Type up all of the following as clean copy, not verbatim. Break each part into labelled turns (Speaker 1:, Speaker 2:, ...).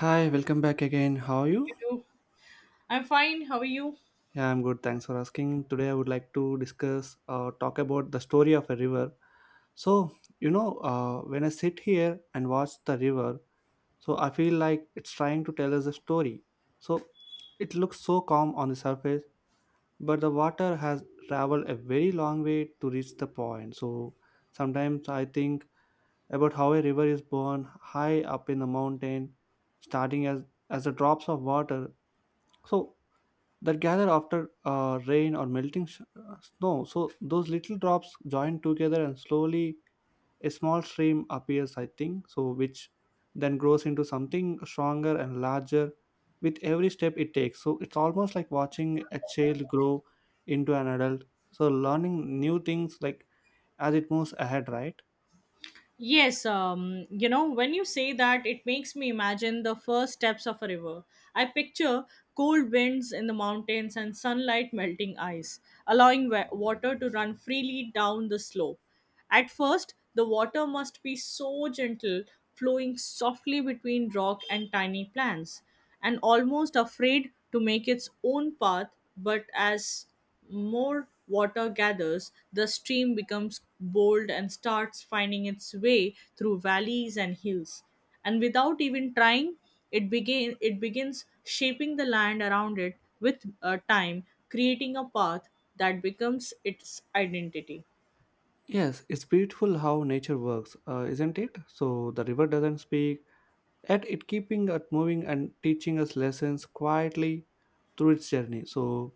Speaker 1: Hi, welcome back again. How are you?
Speaker 2: You too. I'm fine. How are you?
Speaker 1: Yeah, I'm good. Thanks for asking. Today, I would like to discuss or talk about the story of a river. So, when I sit here and watch the river, I feel like it's trying to tell us a story. So, it looks so calm on the surface, but the water has traveled a very long way to reach the point. Sometimes I think about how a river is born high up in the mountain, starting as the drops of water. So that gather after rain or melting snow. So those little drops join together, and slowly a small stream appears. I think so, which then grows into something stronger and larger with every step it takes. So it's almost like watching a child grow into an adult. So learning new things like as it moves ahead, right?
Speaker 2: Yes, when you say that, it makes me imagine the first steps of a river. I picture cold winds in the mountains and sunlight melting ice, allowing water to run freely down the slope. At first, the water must be so gentle, flowing softly between rock and tiny plants, and almost afraid to make its own path, but as more water gathers, the stream becomes bold and starts finding its way through valleys and hills. And without even trying, it begins shaping the land around it with time, creating a path that becomes its identity.
Speaker 1: Yes, it's beautiful how nature works, isn't it? So the river doesn't speak, at it keeping us moving and teaching us lessons quietly through its journey, so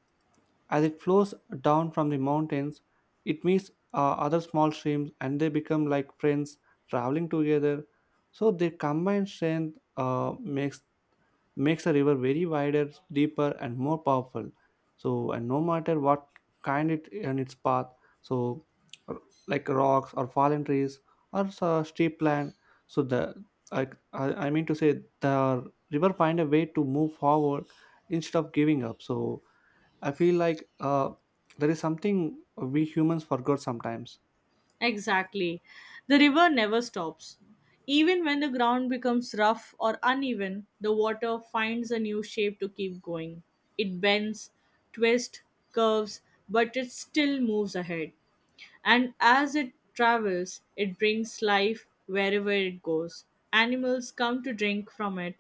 Speaker 1: as it flows down from the mountains, it meets other small streams, and they become like friends traveling together. So their combined strength makes a river very wider, deeper, and more powerful. And no matter what kind it and its path, so r- like rocks or fallen trees or so steep land, so the I, I mean to say the river find a way to move forward instead of giving up. So I feel like there is something we humans forgot sometimes.
Speaker 2: Exactly. The river never stops. Even when the ground becomes rough or uneven, the water finds a new shape to keep going. It bends, twists, curves, but it still moves ahead. And as it travels, it brings life wherever it goes. Animals come to drink from it,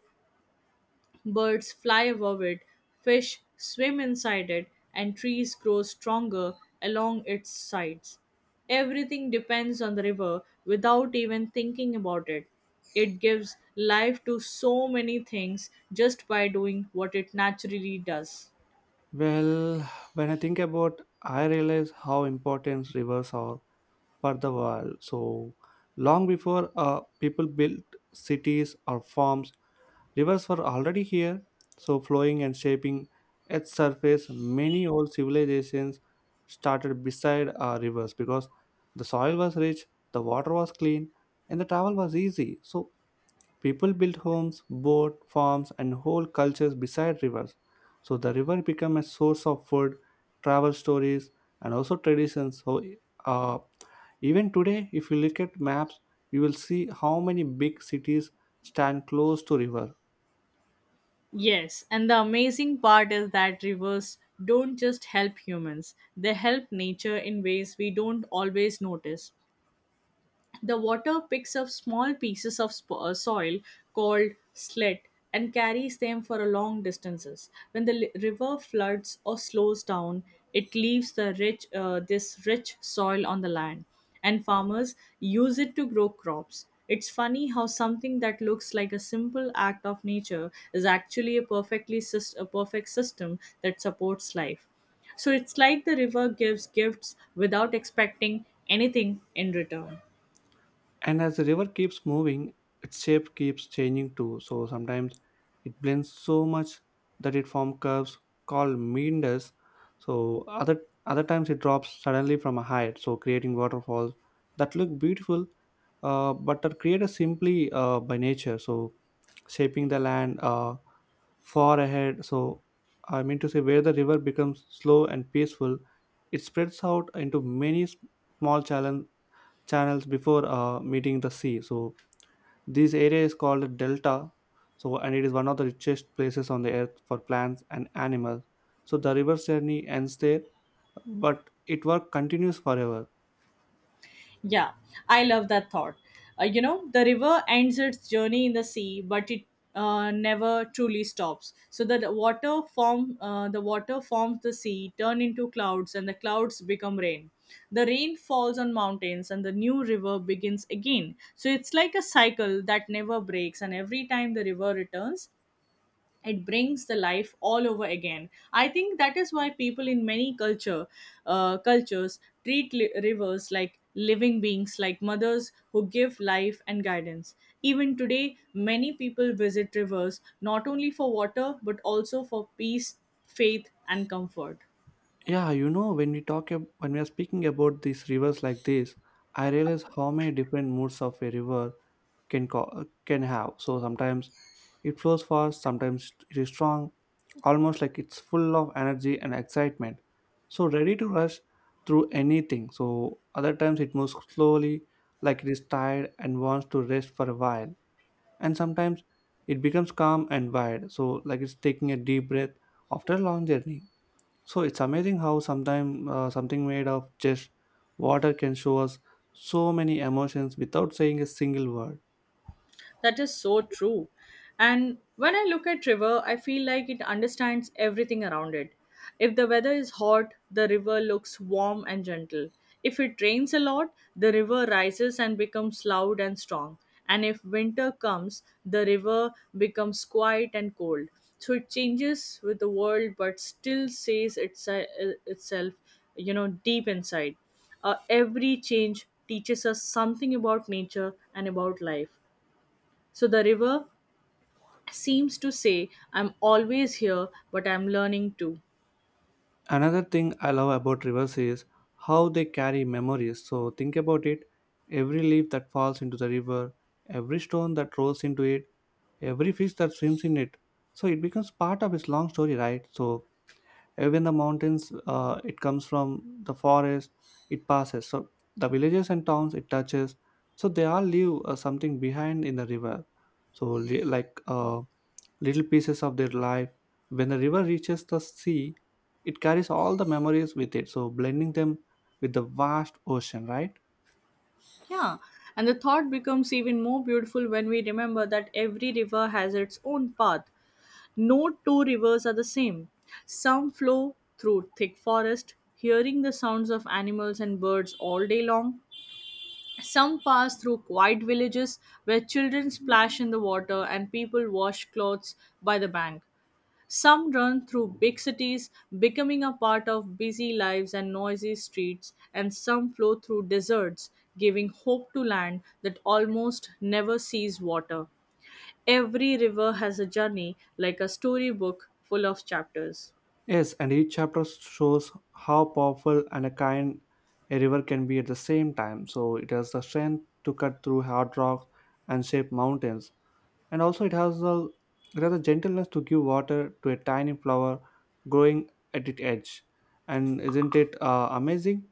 Speaker 2: birds fly above it, fish swim inside it, and trees grow stronger along its sides. Everything depends on the river without even thinking about it. It gives life to so many things just by doing what it naturally does.
Speaker 1: Well, when I think about, I realize how important rivers are for the world. So long before people built cities or farms, rivers were already here. So flowing and shaping its surface, many old civilizations started beside rivers because the soil was rich, the water was clean, and the travel was easy. So people built homes, boat farms, and whole cultures beside rivers. So the river became a source of food, travel stories, and also traditions. Uh, Even today, if you look at maps, you will see how many big cities stand close to river.
Speaker 2: Yes, and the amazing part is that rivers don't just help humans, they help nature in ways we don't always notice. The water picks up small pieces of soil called slit and carries them for a long distances. When the river floods or slows down, it leaves this rich soil on the land, and farmers use it to grow crops. It's funny how something that looks like a simple act of nature is actually a perfect system that supports life. So it's like the river gives gifts without expecting anything in return.
Speaker 1: And as the river keeps moving, its shape keeps changing too. So sometimes it blends so much that it forms curves called meanders. So other times it drops suddenly from a height, so creating waterfalls that look beautiful, but are created simply by nature. So shaping the land far ahead. So, I mean to say, where the river becomes slow and peaceful, it spreads out into many small channel, channels before meeting the sea. So, this area is called a delta. So, and it is one of the richest places on the earth for plants and animals. So, the river's journey ends there, but it work continues forever.
Speaker 2: Yeah, I love that thought. The river ends its journey in the sea, but it never truly stops. So that the water forms the sea, turn into clouds, and the clouds become rain. The rain falls on mountains, and the new river begins again. So it's like a cycle that never breaks, and every time the river returns, it brings the life all over again. I think that is why people in many culture cultures treat rivers like living beings, like mothers who give life and guidance. Even today, many people visit rivers not only for water but also for peace, faith and comfort.
Speaker 1: Yeah, you know, when we when we are speaking about these rivers like this, I realize how many different moods of a river can co- can have. So sometimes it flows fast, sometimes it is strong, almost like it's full of energy and excitement, so ready to rush through anything. So other times it moves slowly, like it is tired and wants to rest for a while. And sometimes it becomes calm and wide, so like it's taking a deep breath after a long journey. So it's amazing how sometimes something made of just water can show us so many emotions without saying a single word.
Speaker 2: That is so true. And when I look at river, I feel like it understands everything around it. If the weather is hot, the river looks warm and gentle. If it rains a lot, the river rises and becomes loud and strong. And if winter comes, the river becomes quiet and cold. So it changes with the world, but still says itself, deep inside. Every change teaches us something about nature and about life. So the river seems to say, I'm always here, but I'm learning too.
Speaker 1: Another thing I love about rivers is how they carry memories. So think about it, every leaf that falls into the river, every stone that rolls into it, every fish that swims in it. So it becomes part of its long story, right? So even the mountains it comes from, the forest it passes, so the villages and towns it touches, so they all leave something behind in the river, so like little pieces of their life. When the river reaches the sea, it carries all the memories with it, so blending them with the vast ocean, right?
Speaker 2: Yeah. And the thought becomes even more beautiful when we remember that every river has its own path. No two rivers are the same. Some flow through thick forest, hearing the sounds of animals and birds all day long. Some pass through quiet villages where children splash in the water and people wash clothes by the bank. Some run through big cities, becoming a part of busy lives and noisy streets, and some flow through deserts, giving hope to land that almost never sees water. Every river has a journey, like a storybook full of chapters.
Speaker 1: Yes, and each chapter shows how powerful and a kind a river can be at the same time. So it has the strength to cut through hard rocks and shape mountains, and also it has a gentleness to give water to a tiny flower growing at its edge. And isn't it amazing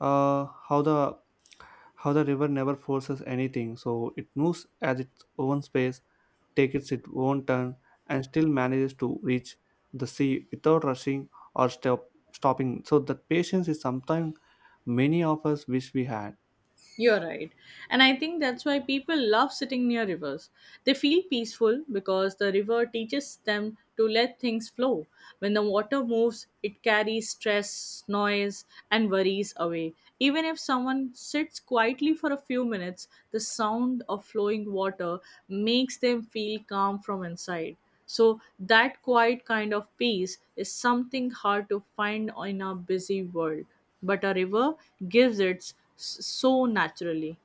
Speaker 1: uh, how the how the river never forces anything. So it moves at its own space, takes its own turn, and still manages to reach the sea without rushing or stopping. So that patience is something many of us wish we had.
Speaker 2: You're right. And I think that's why people love sitting near rivers. They feel peaceful because the river teaches them to let things flow. When the water moves, it carries stress, noise, and worries away. Even if someone sits quietly for a few minutes, the sound of flowing water makes them feel calm from inside. So, that quiet kind of peace is something hard to find in our busy world, but a river gives it so naturally.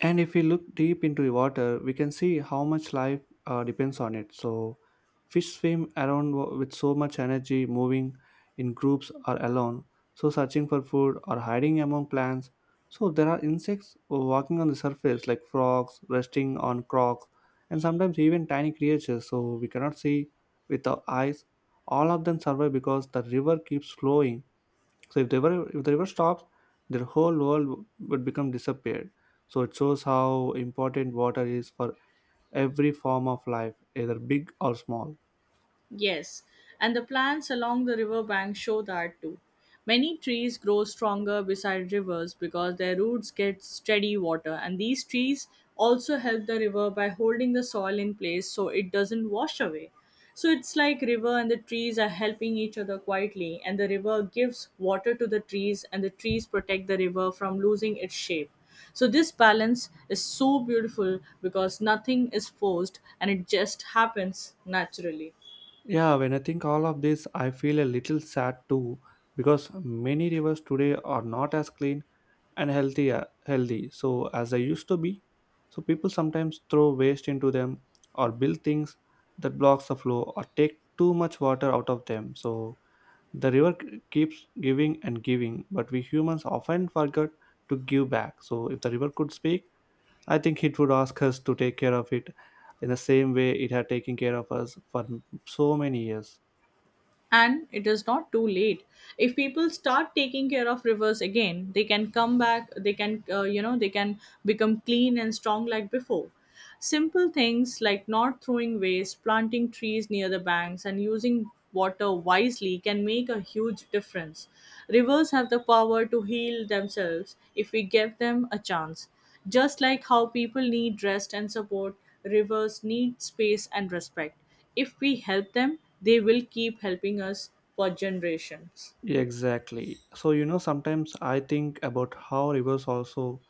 Speaker 1: And if we look deep into the water, we can see how much life depends on it. So, fish swim around with so much energy, moving in groups or alone, so searching for food or hiding among plants. So, there are insects walking on the surface, like frogs, resting on rocks, and sometimes even tiny creatures, so we cannot see with our eyes. All of them survive because the river keeps flowing. So if the river stops, their whole world would become disappeared. So it shows how important water is for every form of life, either big or small.
Speaker 2: Yes, and the plants along the riverbank show that too. Many trees grow stronger beside rivers because their roots get steady water, and these trees also help the river by holding the soil in place so it doesn't wash away. So it's like river and the trees are helping each other quietly, and the river gives water to the trees, and the trees protect the river from losing its shape. So this balance is so beautiful because nothing is forced and it just happens naturally.
Speaker 1: Yeah, when I think all of this, I feel a little sad too because many rivers today are not as clean and healthy so as they used to be. So people sometimes throw waste into them or build things that blocks the flow or take too much water out of them. So the river keeps giving and giving, but we humans often forget to give back. So, if the river could speak, I think it would ask us to take care of it in the same way it had taken care of us for so many years.
Speaker 2: And it is not too late. If people start taking care of rivers again, they can come back. They can become clean and strong like before. Simple things like not throwing waste, planting trees near the banks, and using water wisely can make a huge difference. Rivers have the power to heal themselves if we give them a chance. Just like how people need rest and support, rivers need space and respect. If we help them, they will keep helping us for generations.
Speaker 1: Exactly. So, you know, sometimes I think about how rivers also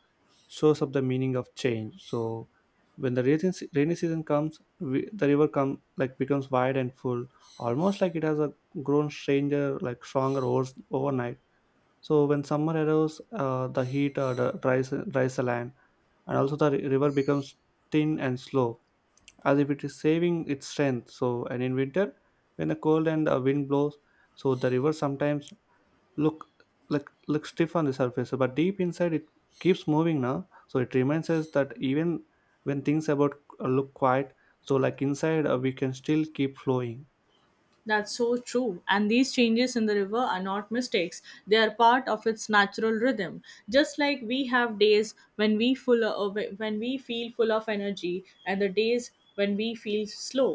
Speaker 1: shows up the meaning of change. So, when the rainy season comes, the river come like becomes wide and full, almost like it has a grown stranger, like stronger overnight. So when summer arrives, the heat dries the land, and also the river becomes thin and slow, as if it is saving its strength. So and in winter, when the cold and wind blows, so the river sometimes look look stiff on the surface, but deep inside it keeps moving now. So it reminds us that even when things about look quiet, so like inside we can still keep flowing.
Speaker 2: That's so true, and these changes in the river are not mistakes, they are part of its natural rhythm. Just like we have days when we feel full of energy, and the days when we feel slow.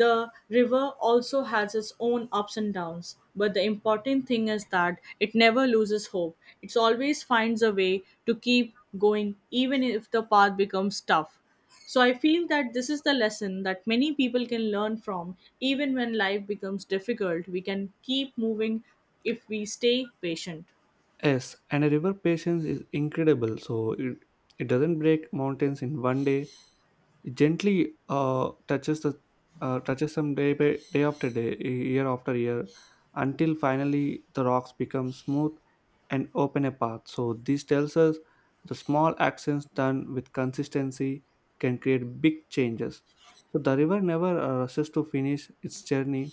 Speaker 2: The river also has its own ups and downs, but the important thing is that it never loses hope. It always finds a way to keep going, even if the path becomes tough. So I feel that this is the lesson that many people can learn from, even when life becomes difficult. We can keep moving if we stay patient.
Speaker 1: Yes, and a river patience is incredible. It doesn't break mountains in one day. It gently touches them day by day after day year after year until finally the rocks become smooth and open a path. So this tells us the small actions done with consistency can create big changes. So the river never rushes to finish its journey.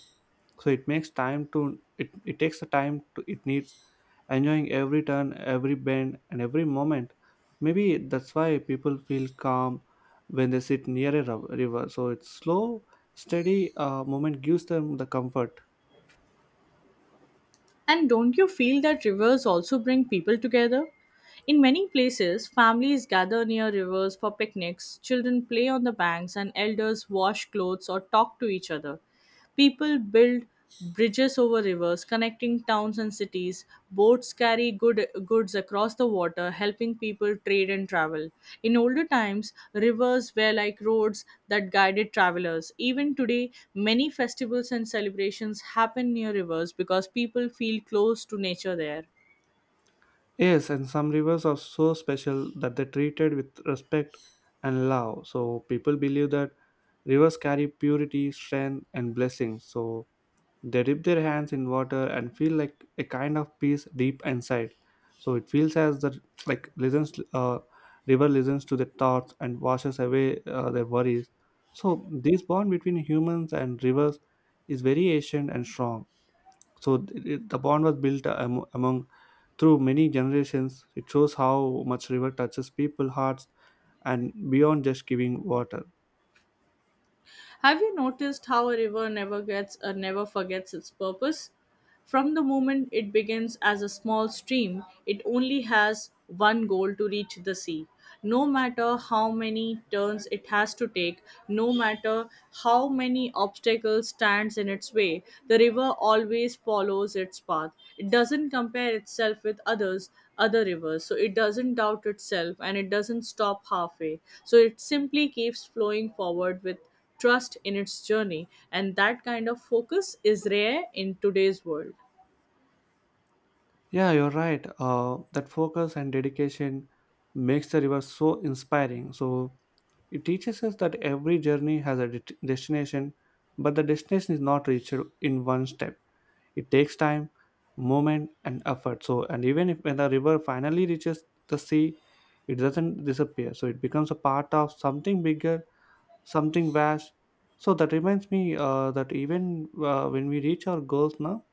Speaker 1: So it, it takes the time to, it needs, enjoying every turn, every bend, and every moment. Maybe that's why people feel calm when they sit near a river. So it's slow, steady movement gives them the comfort.
Speaker 2: And don't you feel that rivers also bring people together? In many places, families gather near rivers for picnics, children play on the banks, and elders wash clothes or talk to each other. People build bridges over rivers connecting towns and cities. Boats carry goods across the water, helping people trade and travel. In older times, rivers were like roads that guided travelers. Even today, many festivals and celebrations happen near rivers because people feel close to nature there.
Speaker 1: Yes, and some rivers are so special that they're treated with respect and love. So people believe that rivers carry purity, strength, and blessings. So they dip their hands in water and feel like a kind of peace deep inside. So it feels as the like listens river listens to their thoughts and washes away their worries. So this bond between humans and rivers is very ancient and strong. So the bond was built among through many generations. It shows how much river touches people hearts and beyond just giving water.
Speaker 2: Have you noticed how a river never gets or never forgets its purpose? From the moment it begins as a small stream, it only has one goal to reach the sea. No matter how many turns it has to take, no matter how many obstacles stands in its way, the river always follows its path. It doesn't compare itself with others, other rivers, so it doesn't doubt itself and it doesn't stop halfway. So it simply keeps flowing forward with trust in its journey. And that kind of focus is rare in today's world.
Speaker 1: Yeah, you're right. That focus and dedication makes the river so inspiring. So it teaches us that every journey has a destination, but the destination is not reached in one step. It takes time, moment, and effort. So, and even if when the river finally reaches the sea, it doesn't disappear. So it becomes a part of something bigger, something vast. So that reminds me that even when we reach our goals now,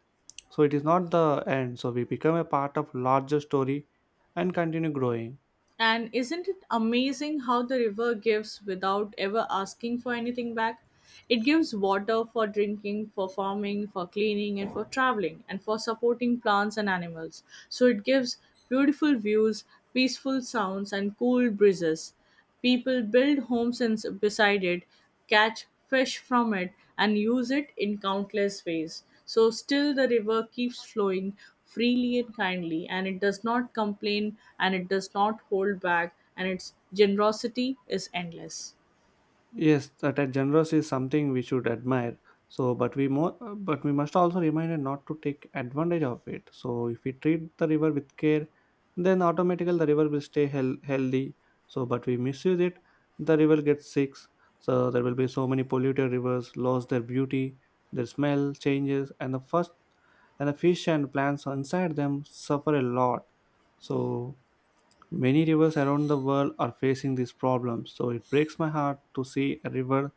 Speaker 1: so it is not the end, so we become a part of larger story and continue growing.
Speaker 2: And isn't it amazing how the river gives without ever asking for anything back? It gives water for drinking, for farming, for cleaning, and for traveling, and for supporting plants and animals. So it gives beautiful views, peaceful sounds, and cool breezes. People build homes beside it, catch fish from it, and use it in countless ways. So, still, the river keeps flowing freely and kindly, and it does not complain and it does not hold back, and its generosity is endless.
Speaker 1: Yes, that a generous is something we should admire. So, but we must also remind not to take advantage of it. So, if we treat the river with care, then automatically the river will stay hel healthy. So, but we misuse it, the river gets sick. So, there will be so many polluted rivers, lost their beauty, their smell changes, and the fish and plants inside them suffer a lot. So, many rivers around the world are facing this problem, so it breaks my heart to see a river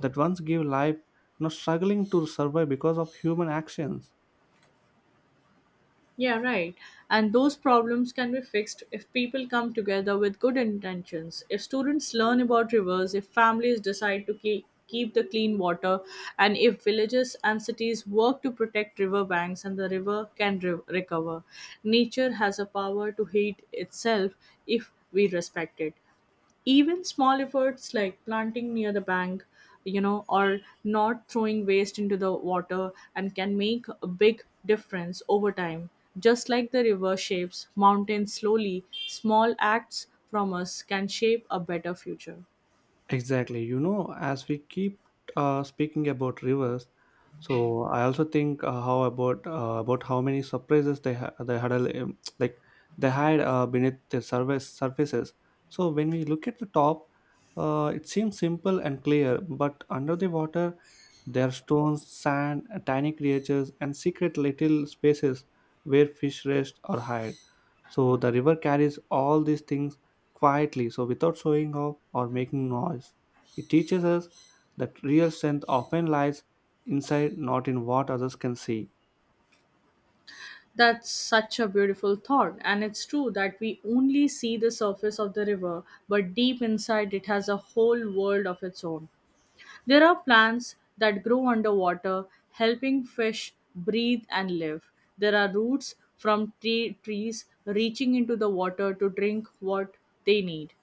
Speaker 1: that once gave life now struggling to survive because of human actions.
Speaker 2: Yeah, right. And those problems can be fixed if people come together with good intentions. If students learn about rivers, if families decide to keep the clean water, and if villages and cities work to protect river banks, and the river can recover. Nature has a power to heal itself if we respect it. Even small efforts like planting near the bank, or not throwing waste into the water, and can make a big difference over time. Just like the river shapes mountains slowly, small acts from us can shape a better future.
Speaker 1: Exactly, you know, as we keep speaking about rivers, so I also think how about how many surprises they had like they hide beneath their surface surfaces. So when we look at the top, it seems simple and clear, but under the water, there are stones, sand, tiny creatures, and secret little spaces where fish rest or hide. So the river carries all these things quietly, so without showing off or making noise. It teaches us that real strength often lies inside, not in what others can see.
Speaker 2: That's such a beautiful thought, and it's true that we only see the surface of the river, but deep inside it has a whole world of its own. There are plants that grow underwater, helping fish breathe and live. There are roots from trees reaching into the water to drink what they need.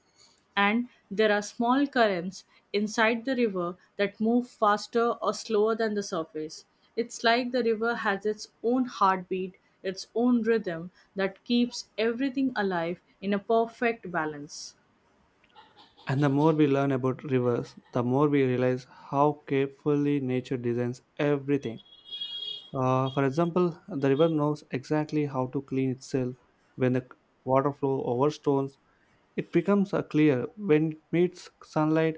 Speaker 2: And there are small currents inside the river that move faster or slower than the surface. It's like the river has its own heartbeat, its own rhythm that keeps everything alive in a perfect balance.
Speaker 1: And the more we learn about rivers, the more we realize how carefully nature designs everything. For example, the river knows exactly how to clean itself when the water flow over stones, it becomes clear when it meets sunlight,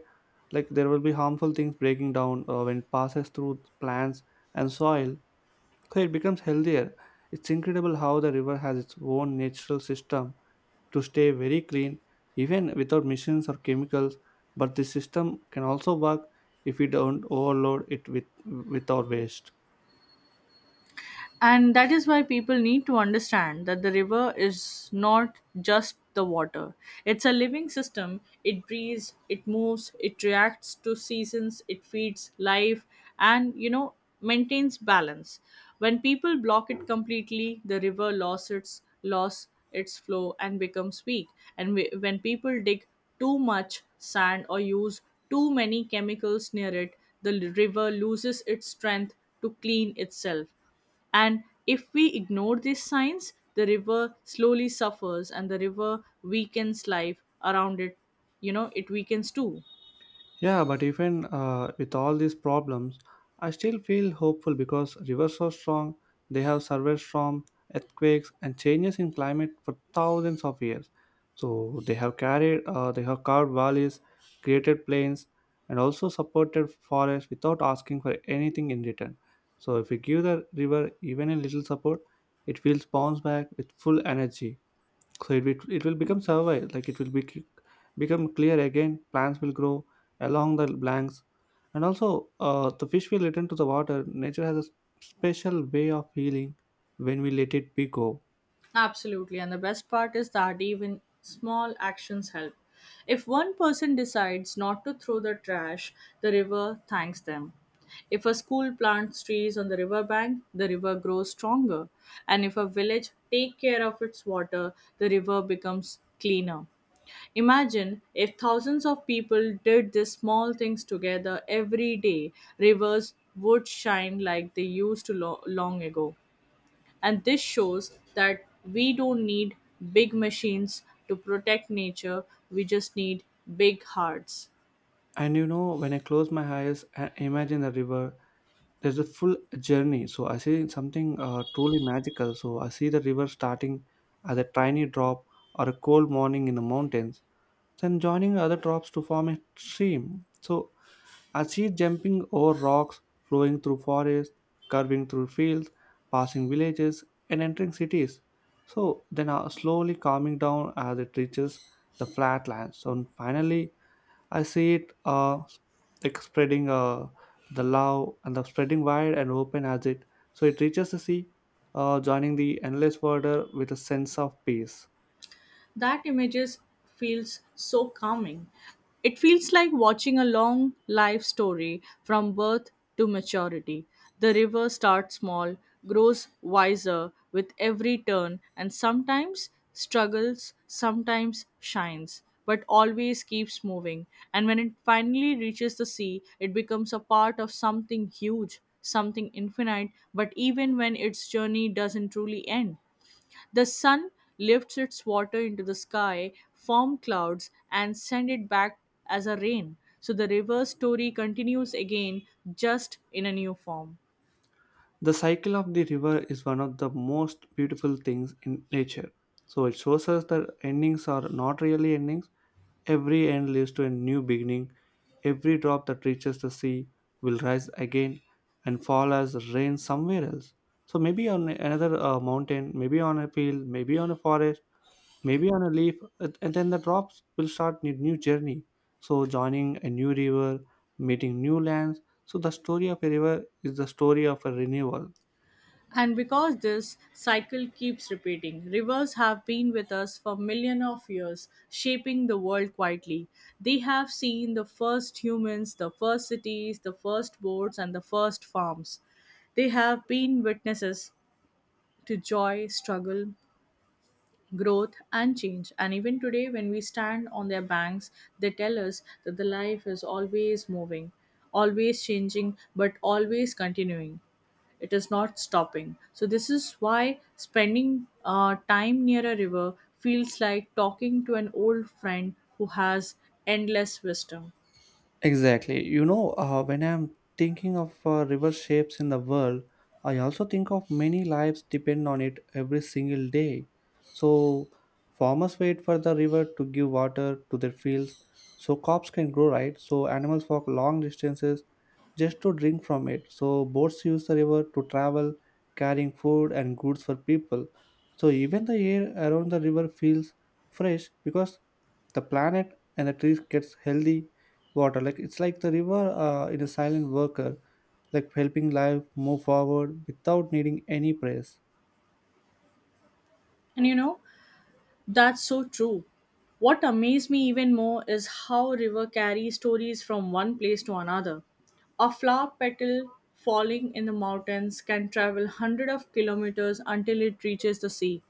Speaker 1: like there will be harmful things breaking down when it passes through plants and soil, so it becomes healthier. It's incredible how the river has its own natural system to stay very clean even without machines or chemicals, but this system can also work if we don't overload it with our waste.
Speaker 2: And that is why people need to understand that the river is not just the water. It's a living system. It breathes, it moves, it reacts to seasons, it feeds life, and maintains balance. When people block it completely, the river loses its flow and becomes weak. And when people dig too much sand or use too many chemicals near it, the river loses its strength to clean itself, and if we ignore these signs, the river slowly suffers and the river weakens life around it. You know, it weakens too.
Speaker 1: Yeah, but even with all these problems, I still feel hopeful because rivers are strong. They have survived storms, earthquakes, and changes in climate for thousands of years. So they have carved valleys, created plains, and also supported forests without asking for anything in return. So if we give the river even a little support, it will bounce back with full energy. So it will become survey, like it will be become clear again, plants will grow along the blanks, and also the fish will return to the water. Nature has a special way of healing when we let it be go.
Speaker 2: Absolutely. And the best part is that even small actions help. If one person decides not to throw the trash, the river thanks them. If a school plants trees on the riverbank, the river grows stronger. And if a village take care of its water, the river becomes cleaner. Imagine if thousands of people did these small things together every day, rivers would shine like they used to long ago. And this shows that we don't need big machines to protect nature, we just need big hearts.
Speaker 1: And you know, when I close my eyes and imagine the river, there's a full journey. So I see something truly magical. So I see the river starting as a tiny drop or a cold morning in the mountains, then joining other drops to form a stream. So I see it jumping over rocks, flowing through forests, curving through fields, passing villages, and entering cities. So then slowly calming down as it reaches the flatlands. So finally, I see it like spreading the love and the spreading wide and open as it. So it reaches the sea, joining the endless water with a sense of peace.
Speaker 2: That images feels so calming. It feels like watching a long life story from birth to maturity. The river starts small, grows wiser with every turn, and sometimes struggles, sometimes shines, but always keeps moving. And when it finally reaches the sea, it becomes a part of something huge, something infinite, but even when its journey doesn't truly end, the sun lifts its water into the sky, form clouds, and send it back as a rain. So the reverse story continues again, just in a new form.
Speaker 1: The cycle of the river is one of the most beautiful things in nature. So it shows us that endings are not really endings. Every end leads to a new beginning. Every drop that reaches the sea will rise again and fall as rain somewhere else. So maybe on another mountain, maybe on a field, maybe on a forest, maybe on a leaf, and then the drops will start a new journey. So joining a new river, meeting new lands. So the story of a river is the story of a renewal.
Speaker 2: And because this cycle keeps repeating, rivers have been with us for millions of years, shaping the world quietly. They have seen the first humans, the first cities, the first boats, and the first farms. They have been witnesses to joy, struggle, growth and change. And even today, when we stand on their banks, they tell us that the life is always moving, always changing, but always continuing. It is not stopping. So, this is why spending time near a river feels like talking to an old friend who has endless wisdom.
Speaker 1: Exactly. You know, when I'm thinking of river shapes in the world, I also think of many lives depend on it every single day. So, farmers wait for the river to give water to their fields so crops can grow, right? So, animals walk long distances just to drink from it. So boats use the river to travel, carrying food and goods for people. So even the air around the river feels fresh because the planet and the trees gets healthy water. Like it's like the river in a silent worker, like helping life move forward without needing any praise.
Speaker 2: And you know, That's so true. What amazed me even more is how river carries stories from one place to another. A flower petal falling in the mountains can travel hundreds of kilometers until it reaches the sea.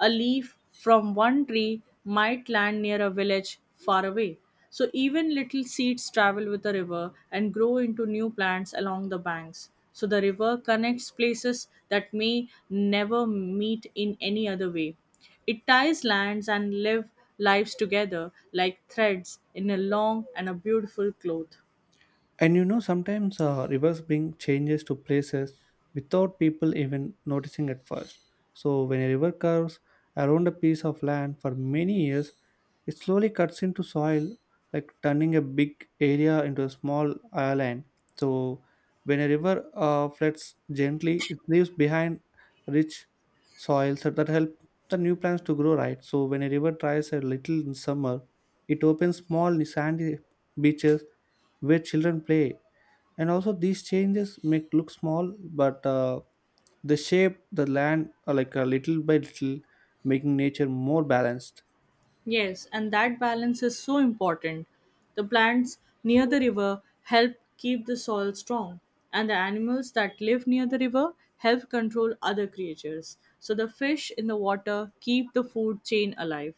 Speaker 2: A leaf from one tree might land near a village far away. So even little seeds travel with the river and grow into new plants along the banks. So the river connects places that may never meet in any other way. It ties lands and lives together like threads in a long and a beautiful cloth.
Speaker 1: And you know, sometimes rivers bring changes to places without people even noticing at first. So, when a river curves around a piece of land for many years, it slowly cuts into soil, like turning a big area into a small island. So, when a river floods gently, it leaves behind rich soils that help the new plants to grow, right. So, when a river dries a little in summer, it opens small sandy beaches where children play, and also these changes may look small, but they shape the land, like a little by little, making nature more balanced.
Speaker 2: Yes, and that balance is so important. The plants near the river help keep the soil strong, and the animals that live near the river help control other creatures. So the fish in the water keep the food chain alive,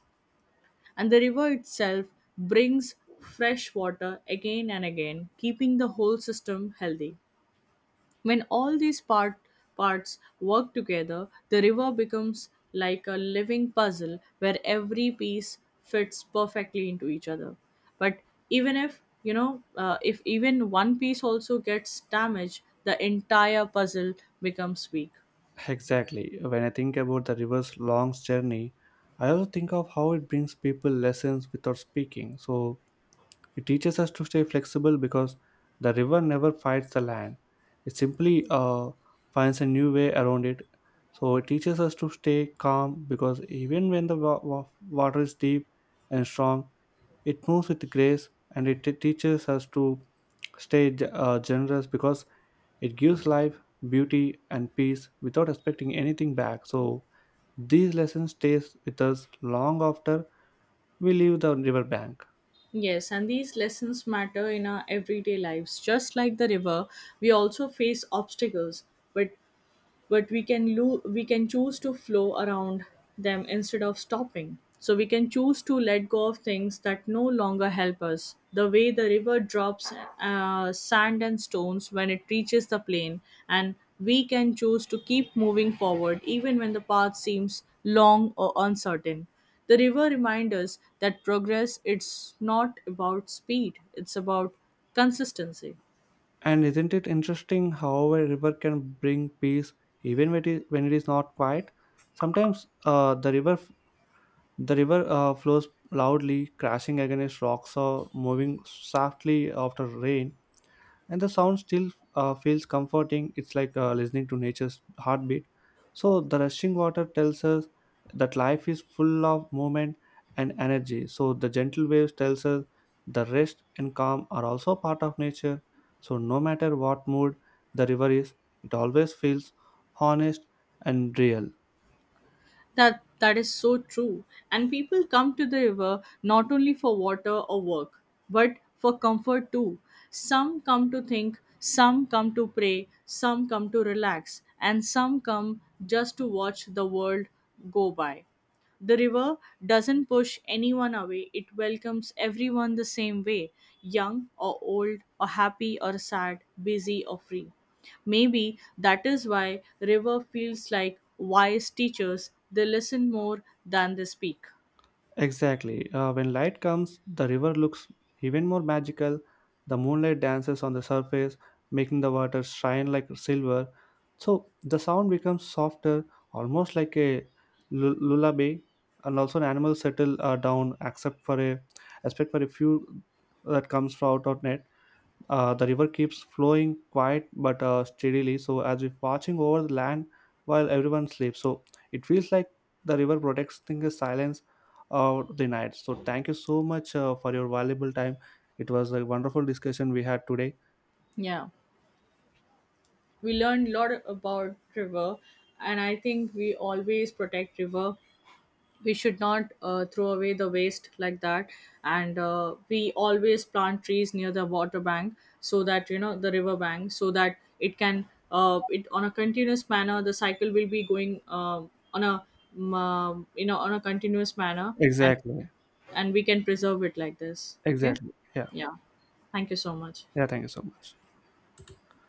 Speaker 2: and the river itself brings fresh water again and again, keeping the whole system healthy. When all these parts work together, the river becomes like a living puzzle where every piece fits perfectly into each other. But even if, if even one piece also gets damaged, the entire puzzle becomes weak.
Speaker 1: Exactly. When I think about the river's long journey, I also think of how it brings people lessons without speaking. So it teaches us to stay flexible because the river never fights the land. It simply finds a new way around it. So it teaches us to stay calm because even when the water is deep and strong, it moves with grace, and it teaches us to stay generous because it gives life, beauty and peace without expecting anything back. So these lessons stays with us long after we leave the riverbank.
Speaker 2: Yes, and these lessons matter in our everyday lives. Just like the river, we also face obstacles, but we can we can choose to flow around them instead of stopping, so we can choose to let go of things that no longer help us the way the river drops sand and stones when it reaches the plain, and we can choose to keep moving forward even when the path seems long or uncertain. The river reminds us that progress, it's not about speed, it's about consistency.
Speaker 1: And isn't it interesting how a river can bring peace even when when it is not quiet? Sometimes the river the river flows loudly, crashing against rocks or moving softly after rain, and the sound still feels comforting. It's like listening to nature's heartbeat. So the rushing water tells us that life is full of movement and energy. So the gentle waves tells us the rest and calm are also part of nature. So no matter what mood the river is, it always feels honest and real.
Speaker 2: That is so true. And people come to the river not only for water or work, but for comfort too. Some come to think, some come to pray, some come to relax, and some come just to watch the world go by. The river doesn't push anyone away, it welcomes everyone the same way, young or old or happy or sad, busy or free. Maybe that is why river feels like wise teachers. They listen more than they speak.
Speaker 1: Exactly. When light comes, the river looks even more magical. The moonlight dances on the surface, making the water shine like silver. So the sound becomes softer, almost like a lullaby, and also an animal settle down, except for a few that comes from out of net. The river keeps flowing quiet but steadily, so as if watching over the land while everyone sleeps. So it feels like the river protects the silence of the night. So thank you so much for your valuable time. It was a wonderful discussion we had today.
Speaker 2: Yeah, we learned a lot about river, and I think we always protect river. We should not throw away the waste like that, and we always plant trees near the water bank so that you know the river bank, so that it can it on a continuous manner. The cycle will be going on a on a continuous manner,
Speaker 1: Exactly.
Speaker 2: and we can preserve it like this, okay,
Speaker 1: Exactly. Yeah.
Speaker 2: yeah, thank you so much.
Speaker 1: Yeah. Thank you so much.